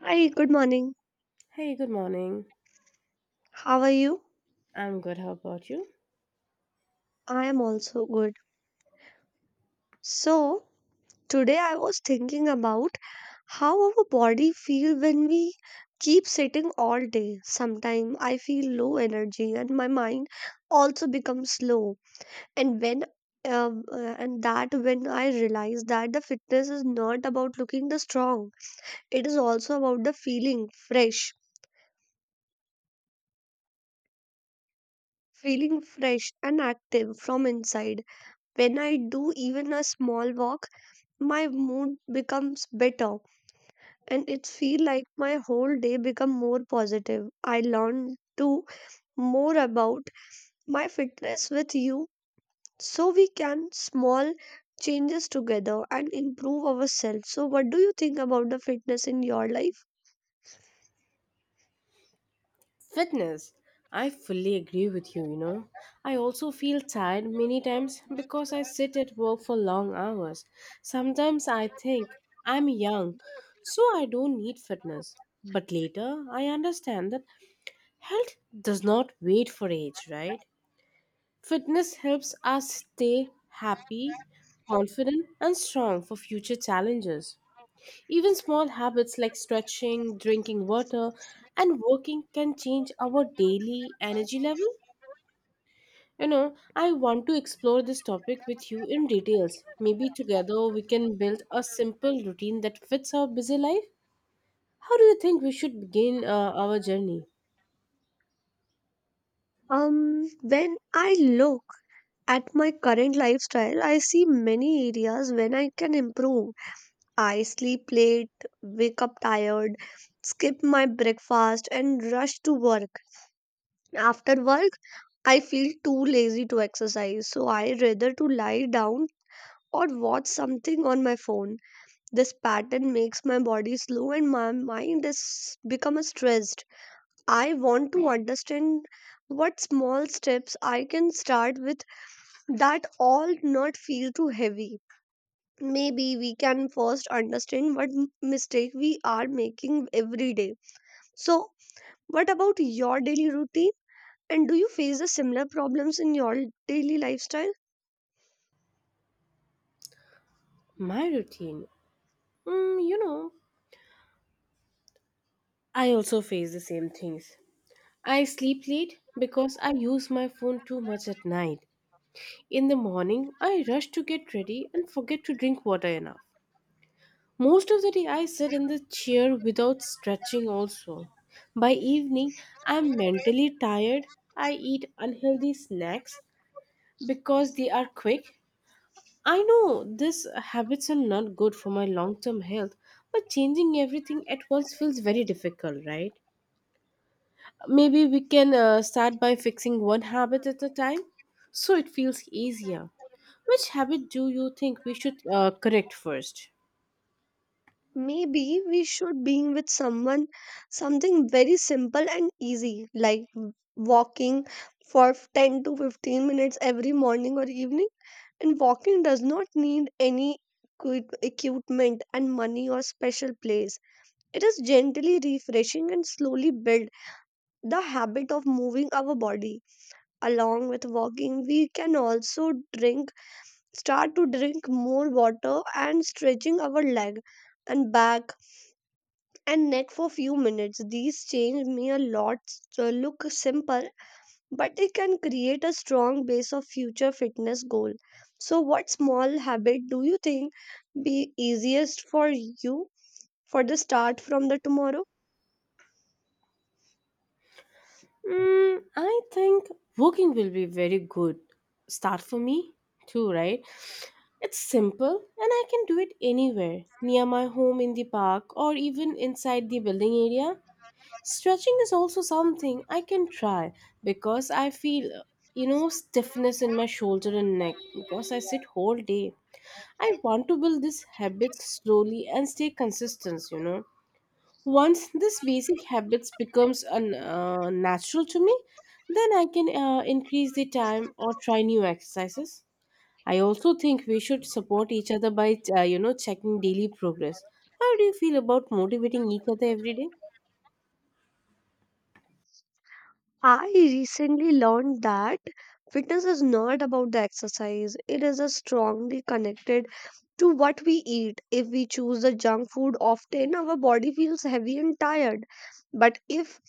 Hi, good morning. Hey, good morning. How are you? I'm good. How about you? I am also good. So, today I was thinking about how our body feel when we keep sitting all day. Sometimes I feel low energy and my mind also becomes slow. And when and that when I realize that the fitness is not about looking the strong, it is also about the feeling fresh and active from inside. When I do even a small walk, my mood becomes better and it feel like my whole day become more positive. I learn to more about my fitness with you so we can small changes together and improve ourselves. So what do you think about the fitness in your life? Fitness. I fully agree with you, you know. I also feel tired many times because I sit at work for long hours. Sometimes I think I'm young, so I don't need fitness. But later, I understand that health does not wait for age, right? Fitness helps us stay happy, confident, and strong for future challenges. Even small habits like stretching, drinking water, and working can change our daily energy level. I want to explore this topic with you in details. Maybe together we can build a simple routine that fits our busy life. How do you think we should begin our journey? When I look at my current lifestyle, I see many areas when I can improve. I sleep late, wake up tired, skip my breakfast, and rush to work. After work, I feel too lazy to exercise, so I rather to lie down or watch something on my phone. This pattern makes my body slow and my mind is become stressed. I want to understand what small steps I can start with that all not feel too heavy. Maybe we can first understand what mistake we are making every day. So, what about your daily routine? And do you face the similar problems in your daily lifestyle? My routine. Mm, you know, I also face the same things. I sleep late because I use my phone too much at night. In the morning, I rush to get ready and forget to drink water enough. Most of the day, I sit in the chair without stretching, also. By evening, I'm mentally tired. I eat unhealthy snacks because they are quick. I know these habits are not good for my long term health, but changing everything at once feels very difficult, right? Maybe we can start by fixing one habit at a time so it feels easier. Which habit do you think we should correct first? Maybe we should being with someone something very simple and easy like walking for 10 to 15 minutes every morning or evening. And walking does not need any equipment and money or special place. It is gently refreshing and slowly build the habit of moving our body. Along with walking, we can also drink start to drink more water and stretching our leg and back and neck for few minutes. These change may a lot, so look simple, but they can create a strong base of future fitness goal. So what small habit do you think be easiest for you for the start from the tomorrow? I think walking will be very good start for me too, right? It's simple and I can do it anywhere, near my home in the park or even inside the building area. Stretching is also something I can try because I feel, stiffness in my shoulder and neck because I sit whole day. I want to build this habit slowly and stay consistent. Once this basic habits becomes a natural to me, then I can increase the time or try new exercises. I also think we should support each other by checking daily progress. How do you feel about motivating each other every day? I recently learned that fitness is not about the exercise. It is a strongly connected to what we eat. If we choose the junk food often, our body feels heavy and tired. But if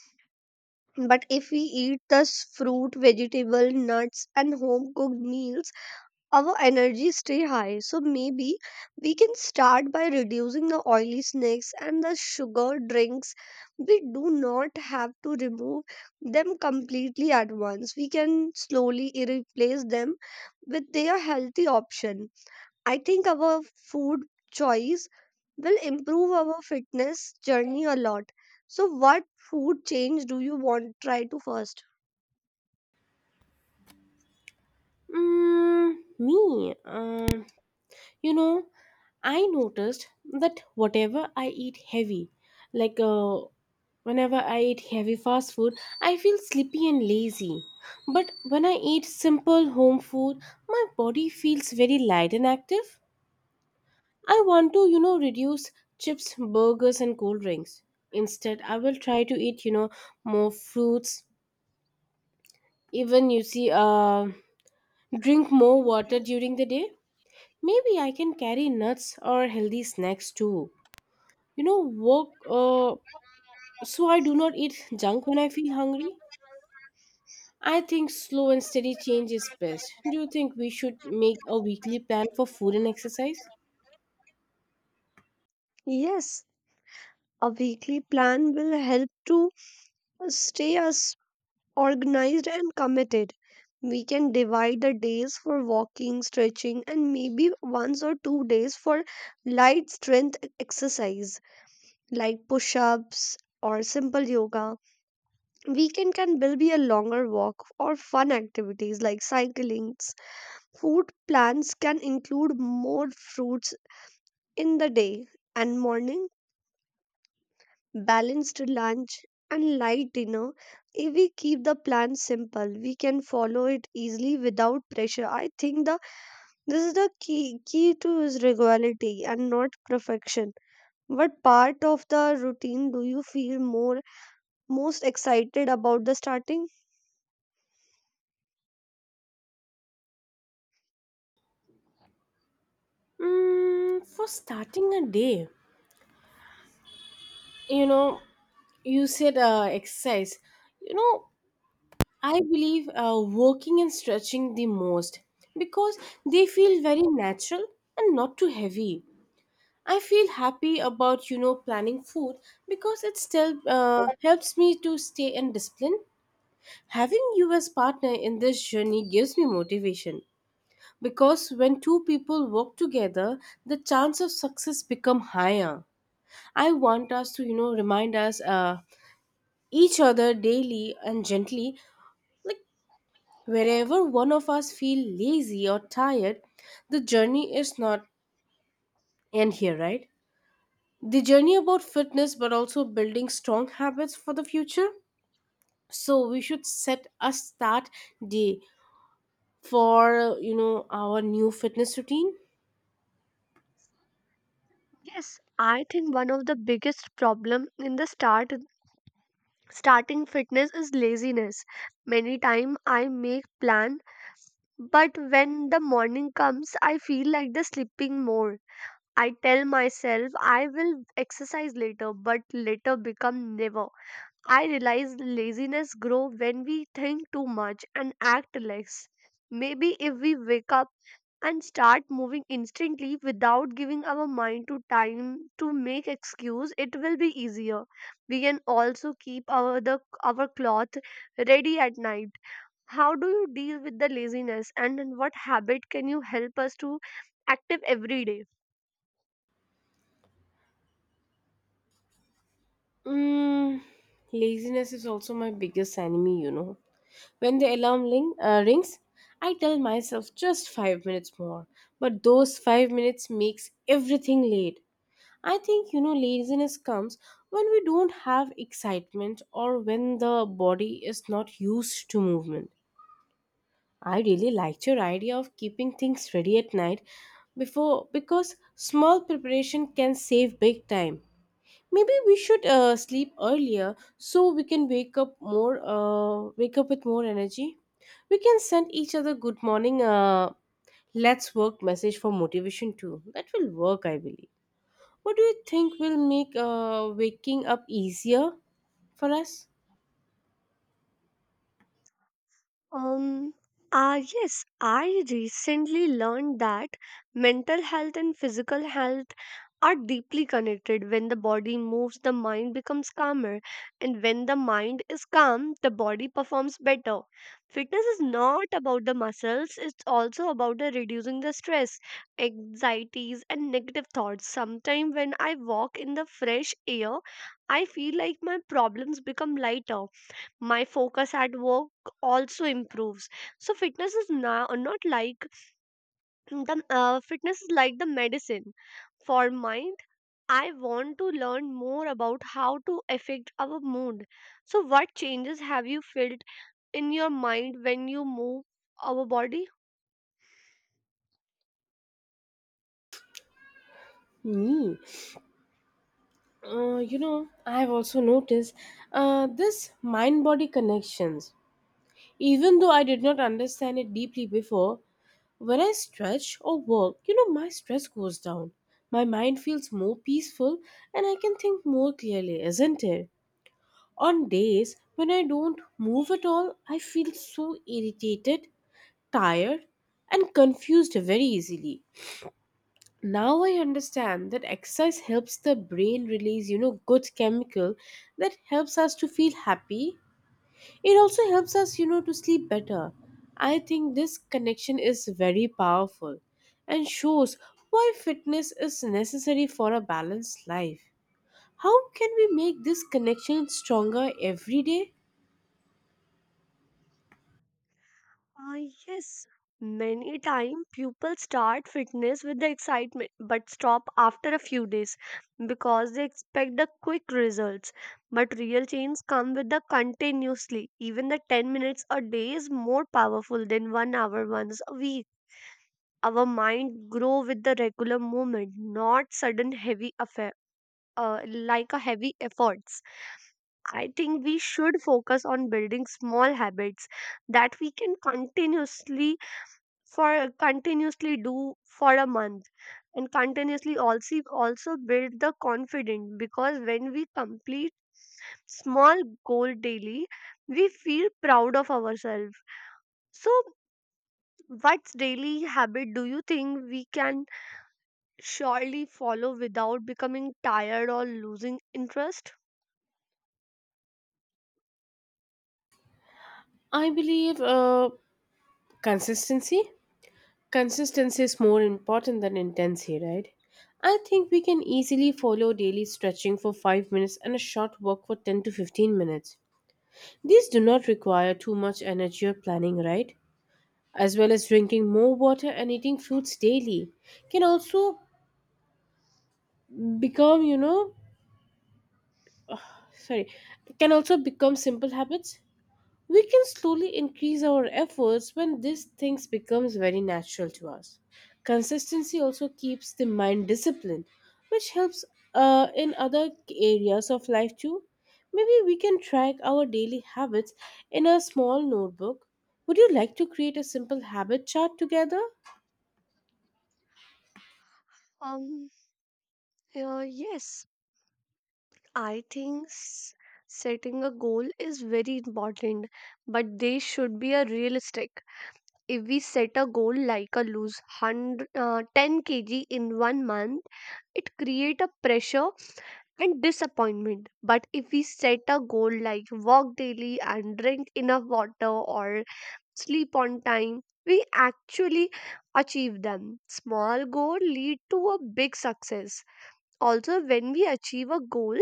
but if we eat the fruit, vegetable, nuts, and home cooked meals, our energy stay high. So maybe we can start by reducing the oily snacks and the sugar drinks. We do not have to remove them completely at once. We can slowly replace them with their healthy option. I think our food choice will improve our fitness journey a lot. So, what food change do you want try to first? Me. You know, I noticed that whatever I eat heavy, like whenever I eat heavy fast food, I feel sleepy and lazy. But when I eat simple home food, my body feels very light and active. I want to, reduce chips, burgers, and cold drinks. Instead, I will try to eat, more fruits. Even you see, drink more water during the day. Maybe I can carry nuts or healthy snacks too. you know work uh, so I do not eat junk when I feel hungry. I think slow and steady change is best. Do you think we should make a weekly plan for food and exercise? Yes, a weekly plan will help to stay us organized and committed. We can divide the days for walking, stretching, and maybe once or 2 days for light strength exercise like push ups or simple yoga. Weekend can well be a longer walk or fun activities like cycling. Food plans can include more fruits in the day and morning, balanced lunch, and light dinner. If we keep the plan simple, we can follow it easily without pressure. I think the this is the key to is regularity and not perfection. What part of the routine do you feel more most excited about the starting? For starting a day, you know you said exercise. you know I believe working and stretching the most because they feel very natural and not too heavy. I feel happy about planning food because it still helps me to stay in discipline. Having you as partner in this journey gives me motivation because when two people work together, the chance of success become higher. I want us to remind us each other daily and gently, like wherever one of us feel lazy or tired, the journey is not end here, right? The journey about fitness but also building strong habits for the future. So we should set a start day for our new fitness routine. Yes, I think one of the biggest problem in the starting fitness is laziness. Many time I make plan, but when the morning comes, I feel like the sleeping more. I tell myself I will exercise later, but later become never. I realize laziness grow when we think too much and act less. Maybe if we wake up and start moving instantly without giving our mind to time to make excuse, it will be easier. We can also keep our the our cloth ready at night. How do you deal with the laziness and in what habit can you help us to active every day? mm, Laziness is also my biggest enemy, when the alarm rings, I tell myself just 5 minutes more, but those 5 minutes makes everything late. I think laziness comes when we don't have excitement or when the body is not used to movement. I really liked your idea of keeping things ready at night before because small preparation can save big time. Maybe we should sleep earlier so we can wake up with more energy. We can send each other good morning let's work message for motivation too. That will work I believe. What do you think will make waking up easier for us? Um, yes, I recently learned that mental health and physical health are deeply connected. When the body moves, the mind becomes calmer, and when the mind is calm, the body performs better. Fitness is not about the muscles, it's also about the reducing the stress, anxieties, and negative thoughts. Sometimes, when I walk in the fresh air, I feel like my problems become lighter. My focus at work also improves. So fitness is now not like the fitness is like the medicine for mind. I want to learn more about how to affect our mood. So what changes have you felt in your mind when you move our body? Me. I've also noticed this mind body connections. Even though I did not understand it deeply before, when I stretch or work, my stress goes down. My mind feels more peaceful and I can think more clearly, isn't it? On days when I don't move at all, I feel so irritated, tired, and confused very easily. Now I understand that exercise helps the brain release good chemical that helps us to feel happy. It also helps us to sleep better. I think this connection is very powerful and shows why fitness is necessary for a balanced life. How can we make this connection stronger every day? Uh, yes, many times people start fitness with the excitement but stop after a few days because they expect the quick results. But real change come with the continuously. Even the 10 minutes a day is more powerful than 1 hour once a week. Our mind grow with the regular movement, not sudden heavy affair. Like a heavy efforts. I think we should focus on building small habits that we can continuously do for a month, and continuously also build the confidence, because when we complete small goal daily we feel proud of ourselves. So what daily habit do you think we can surely follow without becoming tired or losing interest? I believe consistency. Consistency is more important than intensity, right? I think we can easily follow daily stretching for 5 minutes and a short walk for 10 to 15 minutes. These do not require too much energy or planning, right? As well as drinking more water and eating fruits daily can also become, you know, sorry, can also become simple habits. We can slowly increase our efforts when these things becomes very natural to us. Consistency also keeps the mind disciplined, which helps in other areas of life too. Maybe we can track our daily habits in a small notebook. Would you like to create a simple habit chart together? Um, yes, I think setting a goal is very important, but they should be a realistic. If we set a goal like a lose 100, 10 kg in one month, it create a pressure and disappointment. But if we set a goal like walk daily and drink enough water or sleep on time, we actually achieve them. Small goal lead to a big success. Also, when we achieve a goal,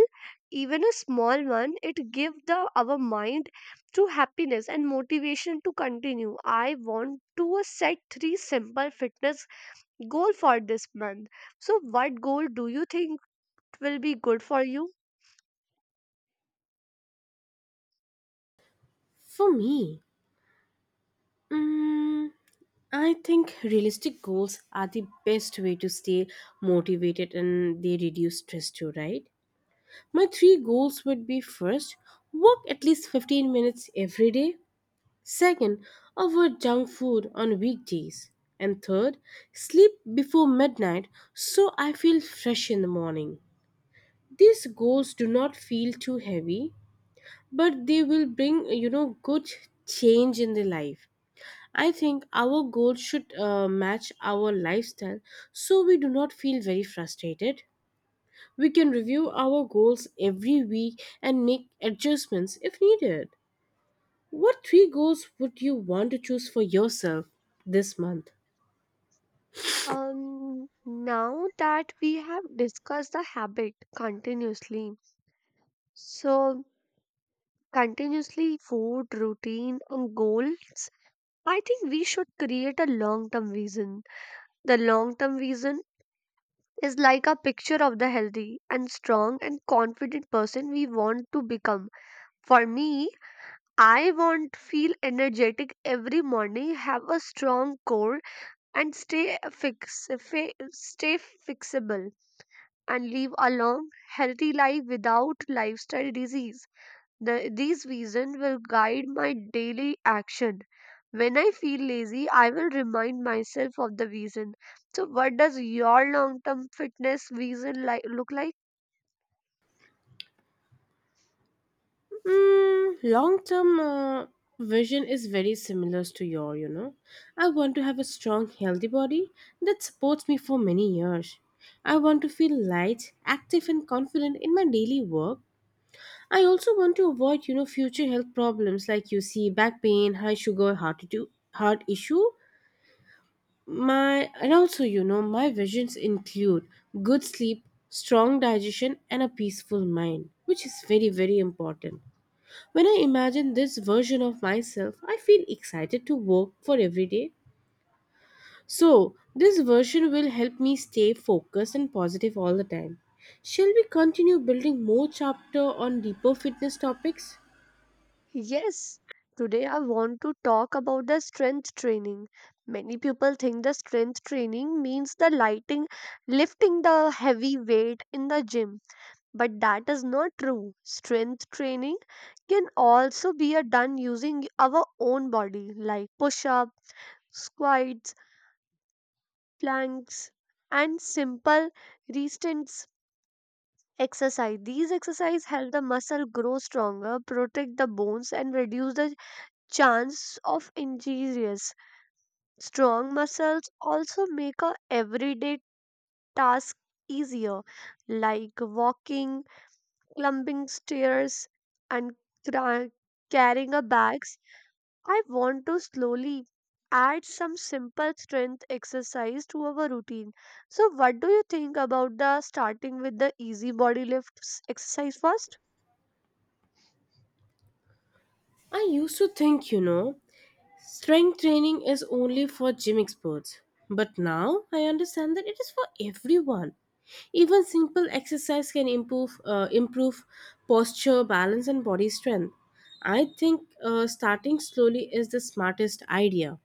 even a small one, it give the our mind to happiness and motivation to continue. I want to set three simple fitness goal for this month. So what goal do you think will be good for you? For me, mm, I think realistic goals are the best way to stay motivated and they reduce stress too, right? My three goals would be first, walk at least 15 minutes every day. Second, avoid junk food on weekdays. And third, sleep before midnight so I feel fresh in the morning. These goals do not feel too heavy, but they will bring good change in the life. I think our goals should match our lifestyle so we do not feel very frustrated. We can review our goals every week and make adjustments if needed. What three goals would you want to choose for yourself this month? Um, Now that we have discussed the habit continuously, so continuously food routine and goals, I think we should create a long term vision. The long term vision is like a picture of the healthy and strong and confident person we want to become. For me, I want to feel energetic every morning, have a strong core, and stay fixable, and live a long, healthy life without lifestyle disease. These reasons will guide my daily action. When I feel lazy, I will remind myself of the reason. So, what does your long term fitness reason like, look like? Long term vision is very similar to your. I want to have a strong, healthy body that supports me for many years. I want to feel light, active, and confident in my daily work. I also want to avoid, future health problems like you see back pain, high sugar, heart issue. My and also my visions include good sleep, strong digestion and a peaceful mind, which is very very important. When I imagine this version of myself, I feel excited to work for every day. So, this version will help me stay focused and positive all the time. Shall we continue building more chapter on deeper fitness topics? Yes, today I want to talk about the strength training. Many people think the strength training means the lighting lifting the heavy weight in the gym, but that is not true. Strength training can also be a done using our own body like push-up, squats, planks, and simple resistance exercise. These exercises help the muscle grow stronger, protect the bones, and reduce the chance of injuries. Strong muscles also make a everyday task easier, like walking, climbing stairs, and cra- carrying a bag. I want to slowly add some simple strength exercise to our routine. So, what do you think about the starting with the easy body lifts exercise first? I used to think strength training is only for gym experts, but now I understand that it is for everyone. Even simple exercise can improve posture, balance, and body strength. I think starting slowly is the smartest idea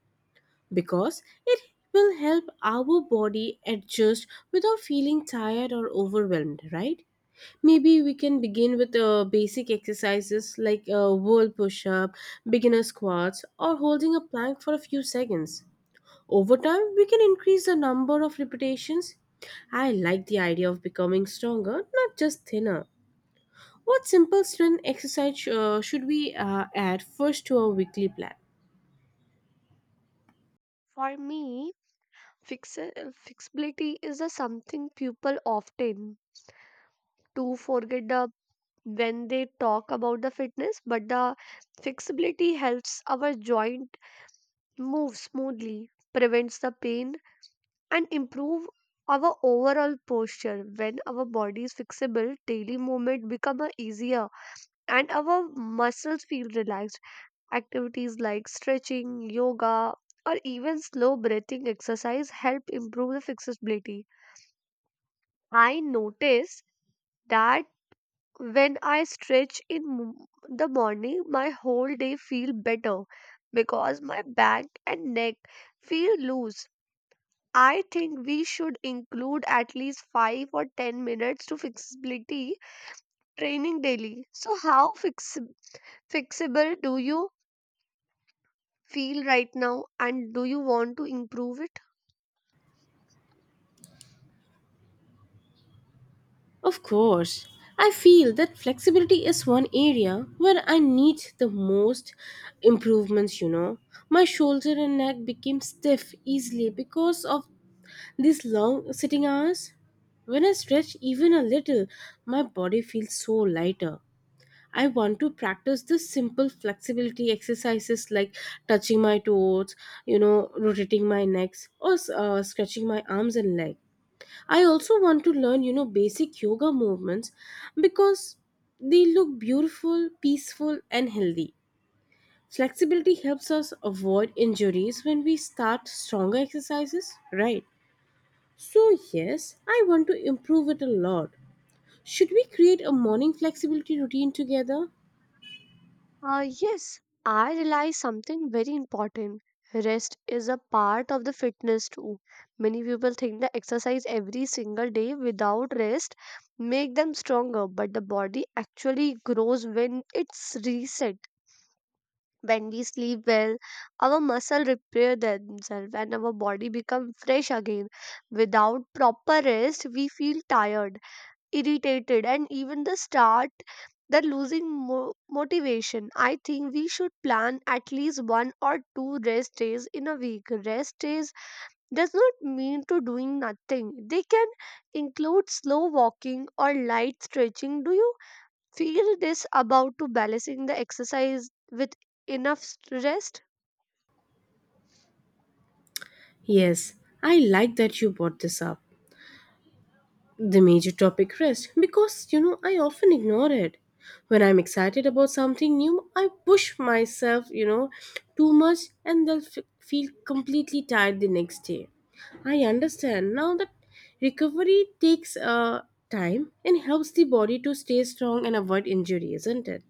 because it will help our body adjust without feeling tired or overwhelmed, right? Maybe we can begin with basic exercises like a wall push up, beginner squats, or holding a plank for a few seconds. Over time, we can increase the number of repetitions. I like the idea of becoming stronger, not just thinner. What simple strength exercise should we add first to our weekly plan? For me, fix- flexibility is a something people often to forget the when they talk about the fitness, but the flexibility helps our joint move smoothly, prevents the pain, and improve our overall posture. When our body is flexible, daily movement become a easier and our muscles feel relaxed. Activities like stretching, yoga, or even slow breathing exercise help improve the flexibility. I notice that when I stretch in the morning, my whole day feel better because my back and neck feel loose. I think we should include at least 5 or 10 minutes to flexibility training daily. So, how fixable do you feel right now, and do you want to improve it? Of course, I feel that flexibility is one area where I need the most improvements. My shoulder and neck became stiff easily because of these long sitting hours. When I stretch even a little, my body feels so lighter. I want to practice this simple flexibility exercises like touching my toes, rotating my necks, or stretching my arms and legs. I also want to learn, basic yoga movements because they look beautiful, peaceful, and healthy. Flexibility helps us avoid injuries when we start stronger exercises, right? So, yes, I want to improve it a lot. Should we create a morning flexibility routine together? Yes, I realize something very important. Rest is a part of the fitness too. Many people think that exercise every single day without rest make them stronger, but the body actually grows when it's reset. When we sleep well, our muscles repair themselves and our body becomes fresh again. Without proper rest, we feel tired, irritated, and even the losing motivation. I think we should plan at least one or two rest days in a week. Rest days does not mean to doing nothing. They can include slow walking or light stretching. Do you feel this about to balancing the exercise with enough rest? Yes, I like that you brought this up. The major topic rest because I often ignore it. When I'm excited about something new, I push myself, too much and then feel completely tired the next day. I understand now that recovery takes time and helps the body to stay strong and avoid injury, isn't it?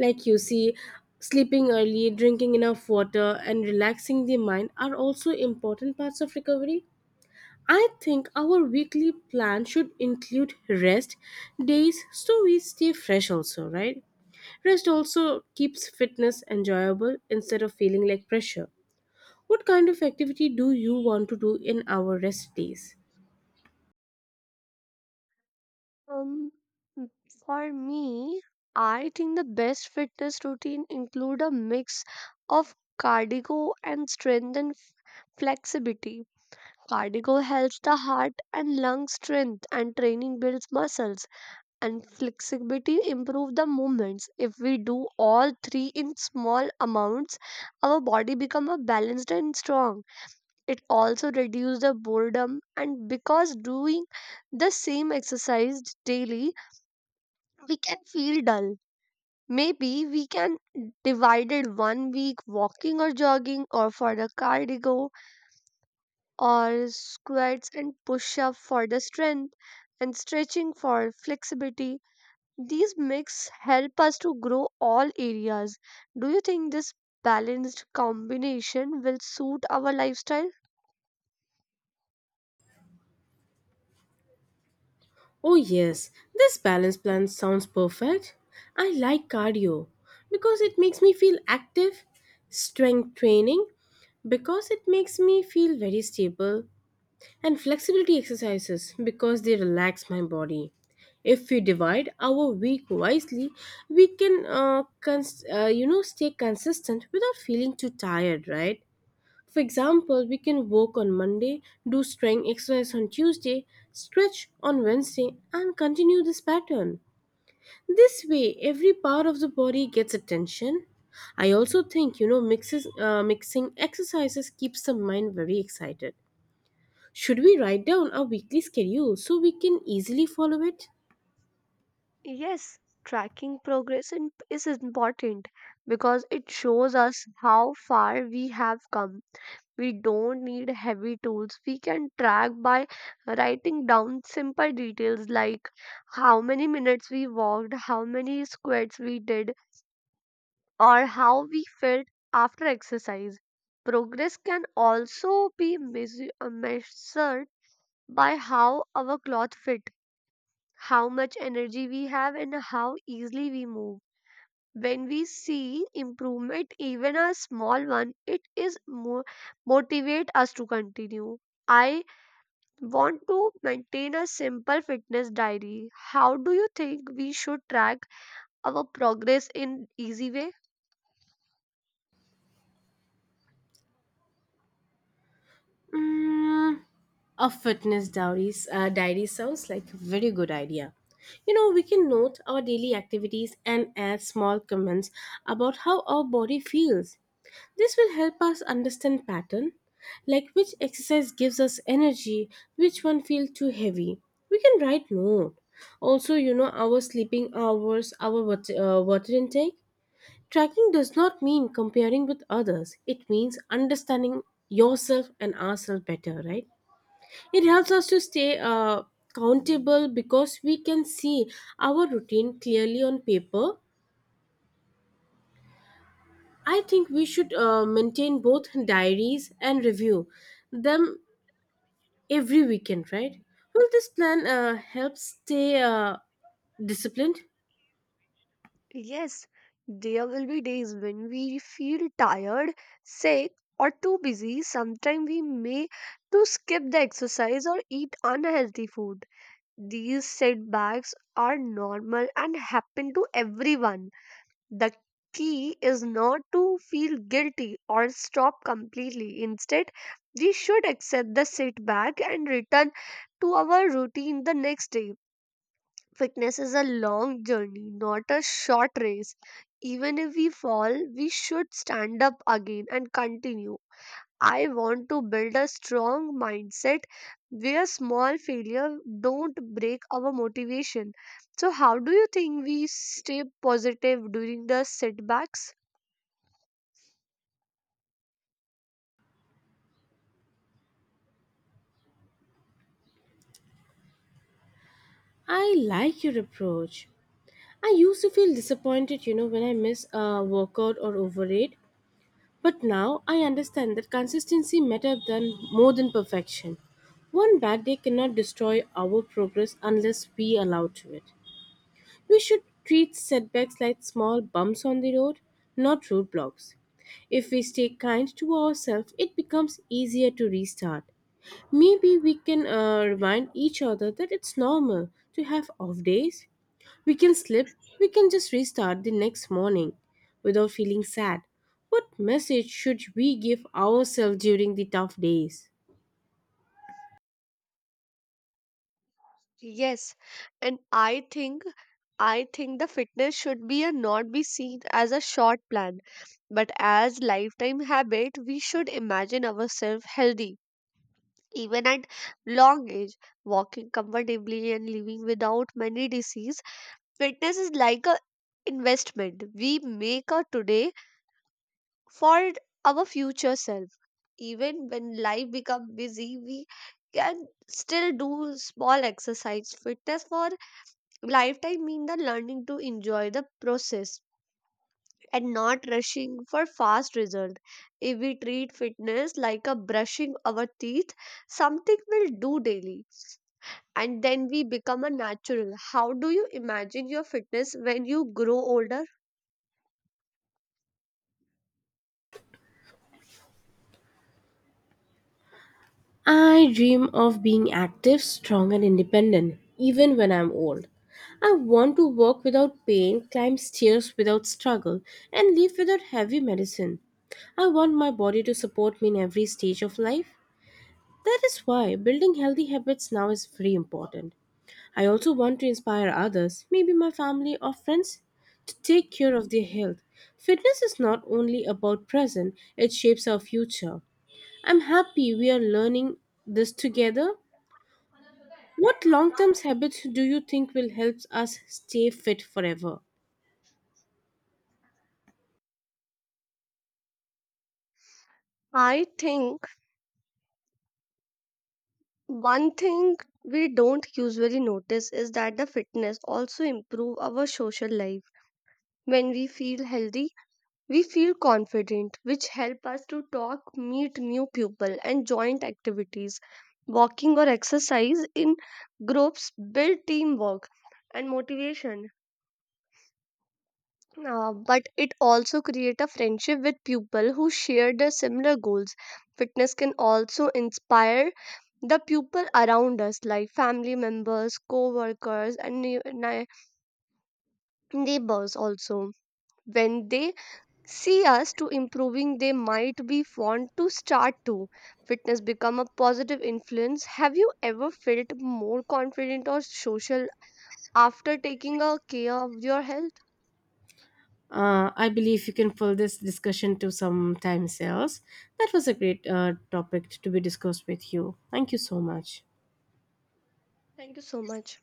Like you see, sleeping early, drinking enough water, and relaxing the mind are also important parts of recovery. I think our weekly plan should include rest days so we stay fresh also, right? Rest also keeps fitness enjoyable instead of feeling like pressure. What kind of activity do you want to do in our rest days? Um, m- for me, I think the best fitness routine include a mix of cardio and strength and flexibility. Cardio helps the heart and lung, strength and training builds muscles, and flexibility improve the movements. If we do all three in small amounts, our body become a balanced and strong. It also reduces the boredom, and because doing the same exercise daily, we can feel dull. Maybe we can divided one week walking or jogging or for the cardio, or squats and push up for the strength, and stretching for flexibility. These mix help us to grow all areas. Do you think this balanced combination will suit our lifestyle? Oh yes, this balance plan sounds perfect. I like cardio because it makes me feel active, strength training because it makes me feel very stable and flexibility exercises because they relax my body. If we divide our week wisely, we can, stay consistent without feeling too tired, right? For example, we can walk on Monday, do strength exercise on Tuesday, stretch on Wednesday, and continue this pattern. This way, every part of the body gets attention. I also think mixing exercises keeps the mind very excited. Should we write down our weekly schedule so we can easily follow it? Yes, tracking progress is important because it shows us how far we have come. We don't need heavy tools. We can track by writing down simple details like how many minutes we walked, how many squats we did, or how we felt after exercise. Progress can also be measured by how our clothes fit, how much energy we have, and how easily we move. When we see improvement, even a small one, it is more motivate us to continue. I want to maintain a simple fitness diary. How do you think we should track our progress in easy way? Mm, a fitness diary sounds like a very good idea. We can note our daily activities and add small comments about how our body feels. This will help us understand pattern, like which exercise gives us energy, which one feels too heavy. We can write note. Also, our sleeping hours, our water intake. Tracking does not mean comparing with others, it means understanding yourself and ourselves better, right? It helps us to stay countable because we can see our routine clearly on paper. I think we should maintain both diaries and review them every weekend, right? Will this plan help stay disciplined? Yes, there will be days when we feel tired, sick, or too busy. Sometimes we may to skip the exercise or eat unhealthy food. These setbacks are normal and happen to everyone. The key is not to feel guilty or stop completely. Instead, we should accept the setback and return to our routine the next day. Fitness is a long journey, not a short race. Even if we fall, we should stand up again and continue. I want to build a strong mindset where small failure don't break our motivation. So how do you think we stay positive during the setbacks? I like your approach. I used to feel disappointed, when I miss a workout or overeat. But now I understand that consistency matter than more than perfection. One bad day cannot destroy our progress unless we allow to it. We should treat setbacks like small bumps on the road, not roadblocks. If we stay kind to ourselves, it becomes easier to restart. Maybe we can remind each other that it's normal to have off days, we can slip, we can just restart the next morning without feeling sad. What message should we give ourselves during the tough days? Yes, and I think the fitness should be a not be seen as a short plan, but as lifetime habit. We should imagine ourselves healthy even at long age, walking comfortably and living without many disease. Fitness is like a investment we make a today for our future self. Even when life become busy, we can still do small exercise. Fitness for lifetime mean the learning to enjoy the process and not rushing for fast result. If we treat fitness like a brushing our teeth, something we'll do daily, and then we become a natural. How do you imagine your fitness when you grow older? I dream of being active, strong, and independent, even when I'm old. I want to walk without pain, climb stairs without struggle, and live without heavy medicine. I want my body to support me in every stage of life. That is why building healthy habits now is very important. I also want to inspire others, maybe my family or friends, to take care of their health. Fitness is not only about present, it shapes our future. I'm happy we are learning this together. What long term habits do you think will help us stay fit forever? I think one thing we don't usually notice is that the fitness also improve our social life. When we feel healthy, we feel confident, which help us to talk, meet new people, and joint activities. Walking or exercise in groups build teamwork and motivation. But it also create a friendship with people who share their similar goals. Fitness can also inspire the people around us, like family members, co-workers, and neighbors also. When they see us to improving, they might be want to start to. Fitness become a positive influence. Have you ever felt more confident or social after taking a care of your health? I believe you can pull this discussion to some time else. That was a great topic to be discussed with you. Thank you so much. Thank you so much.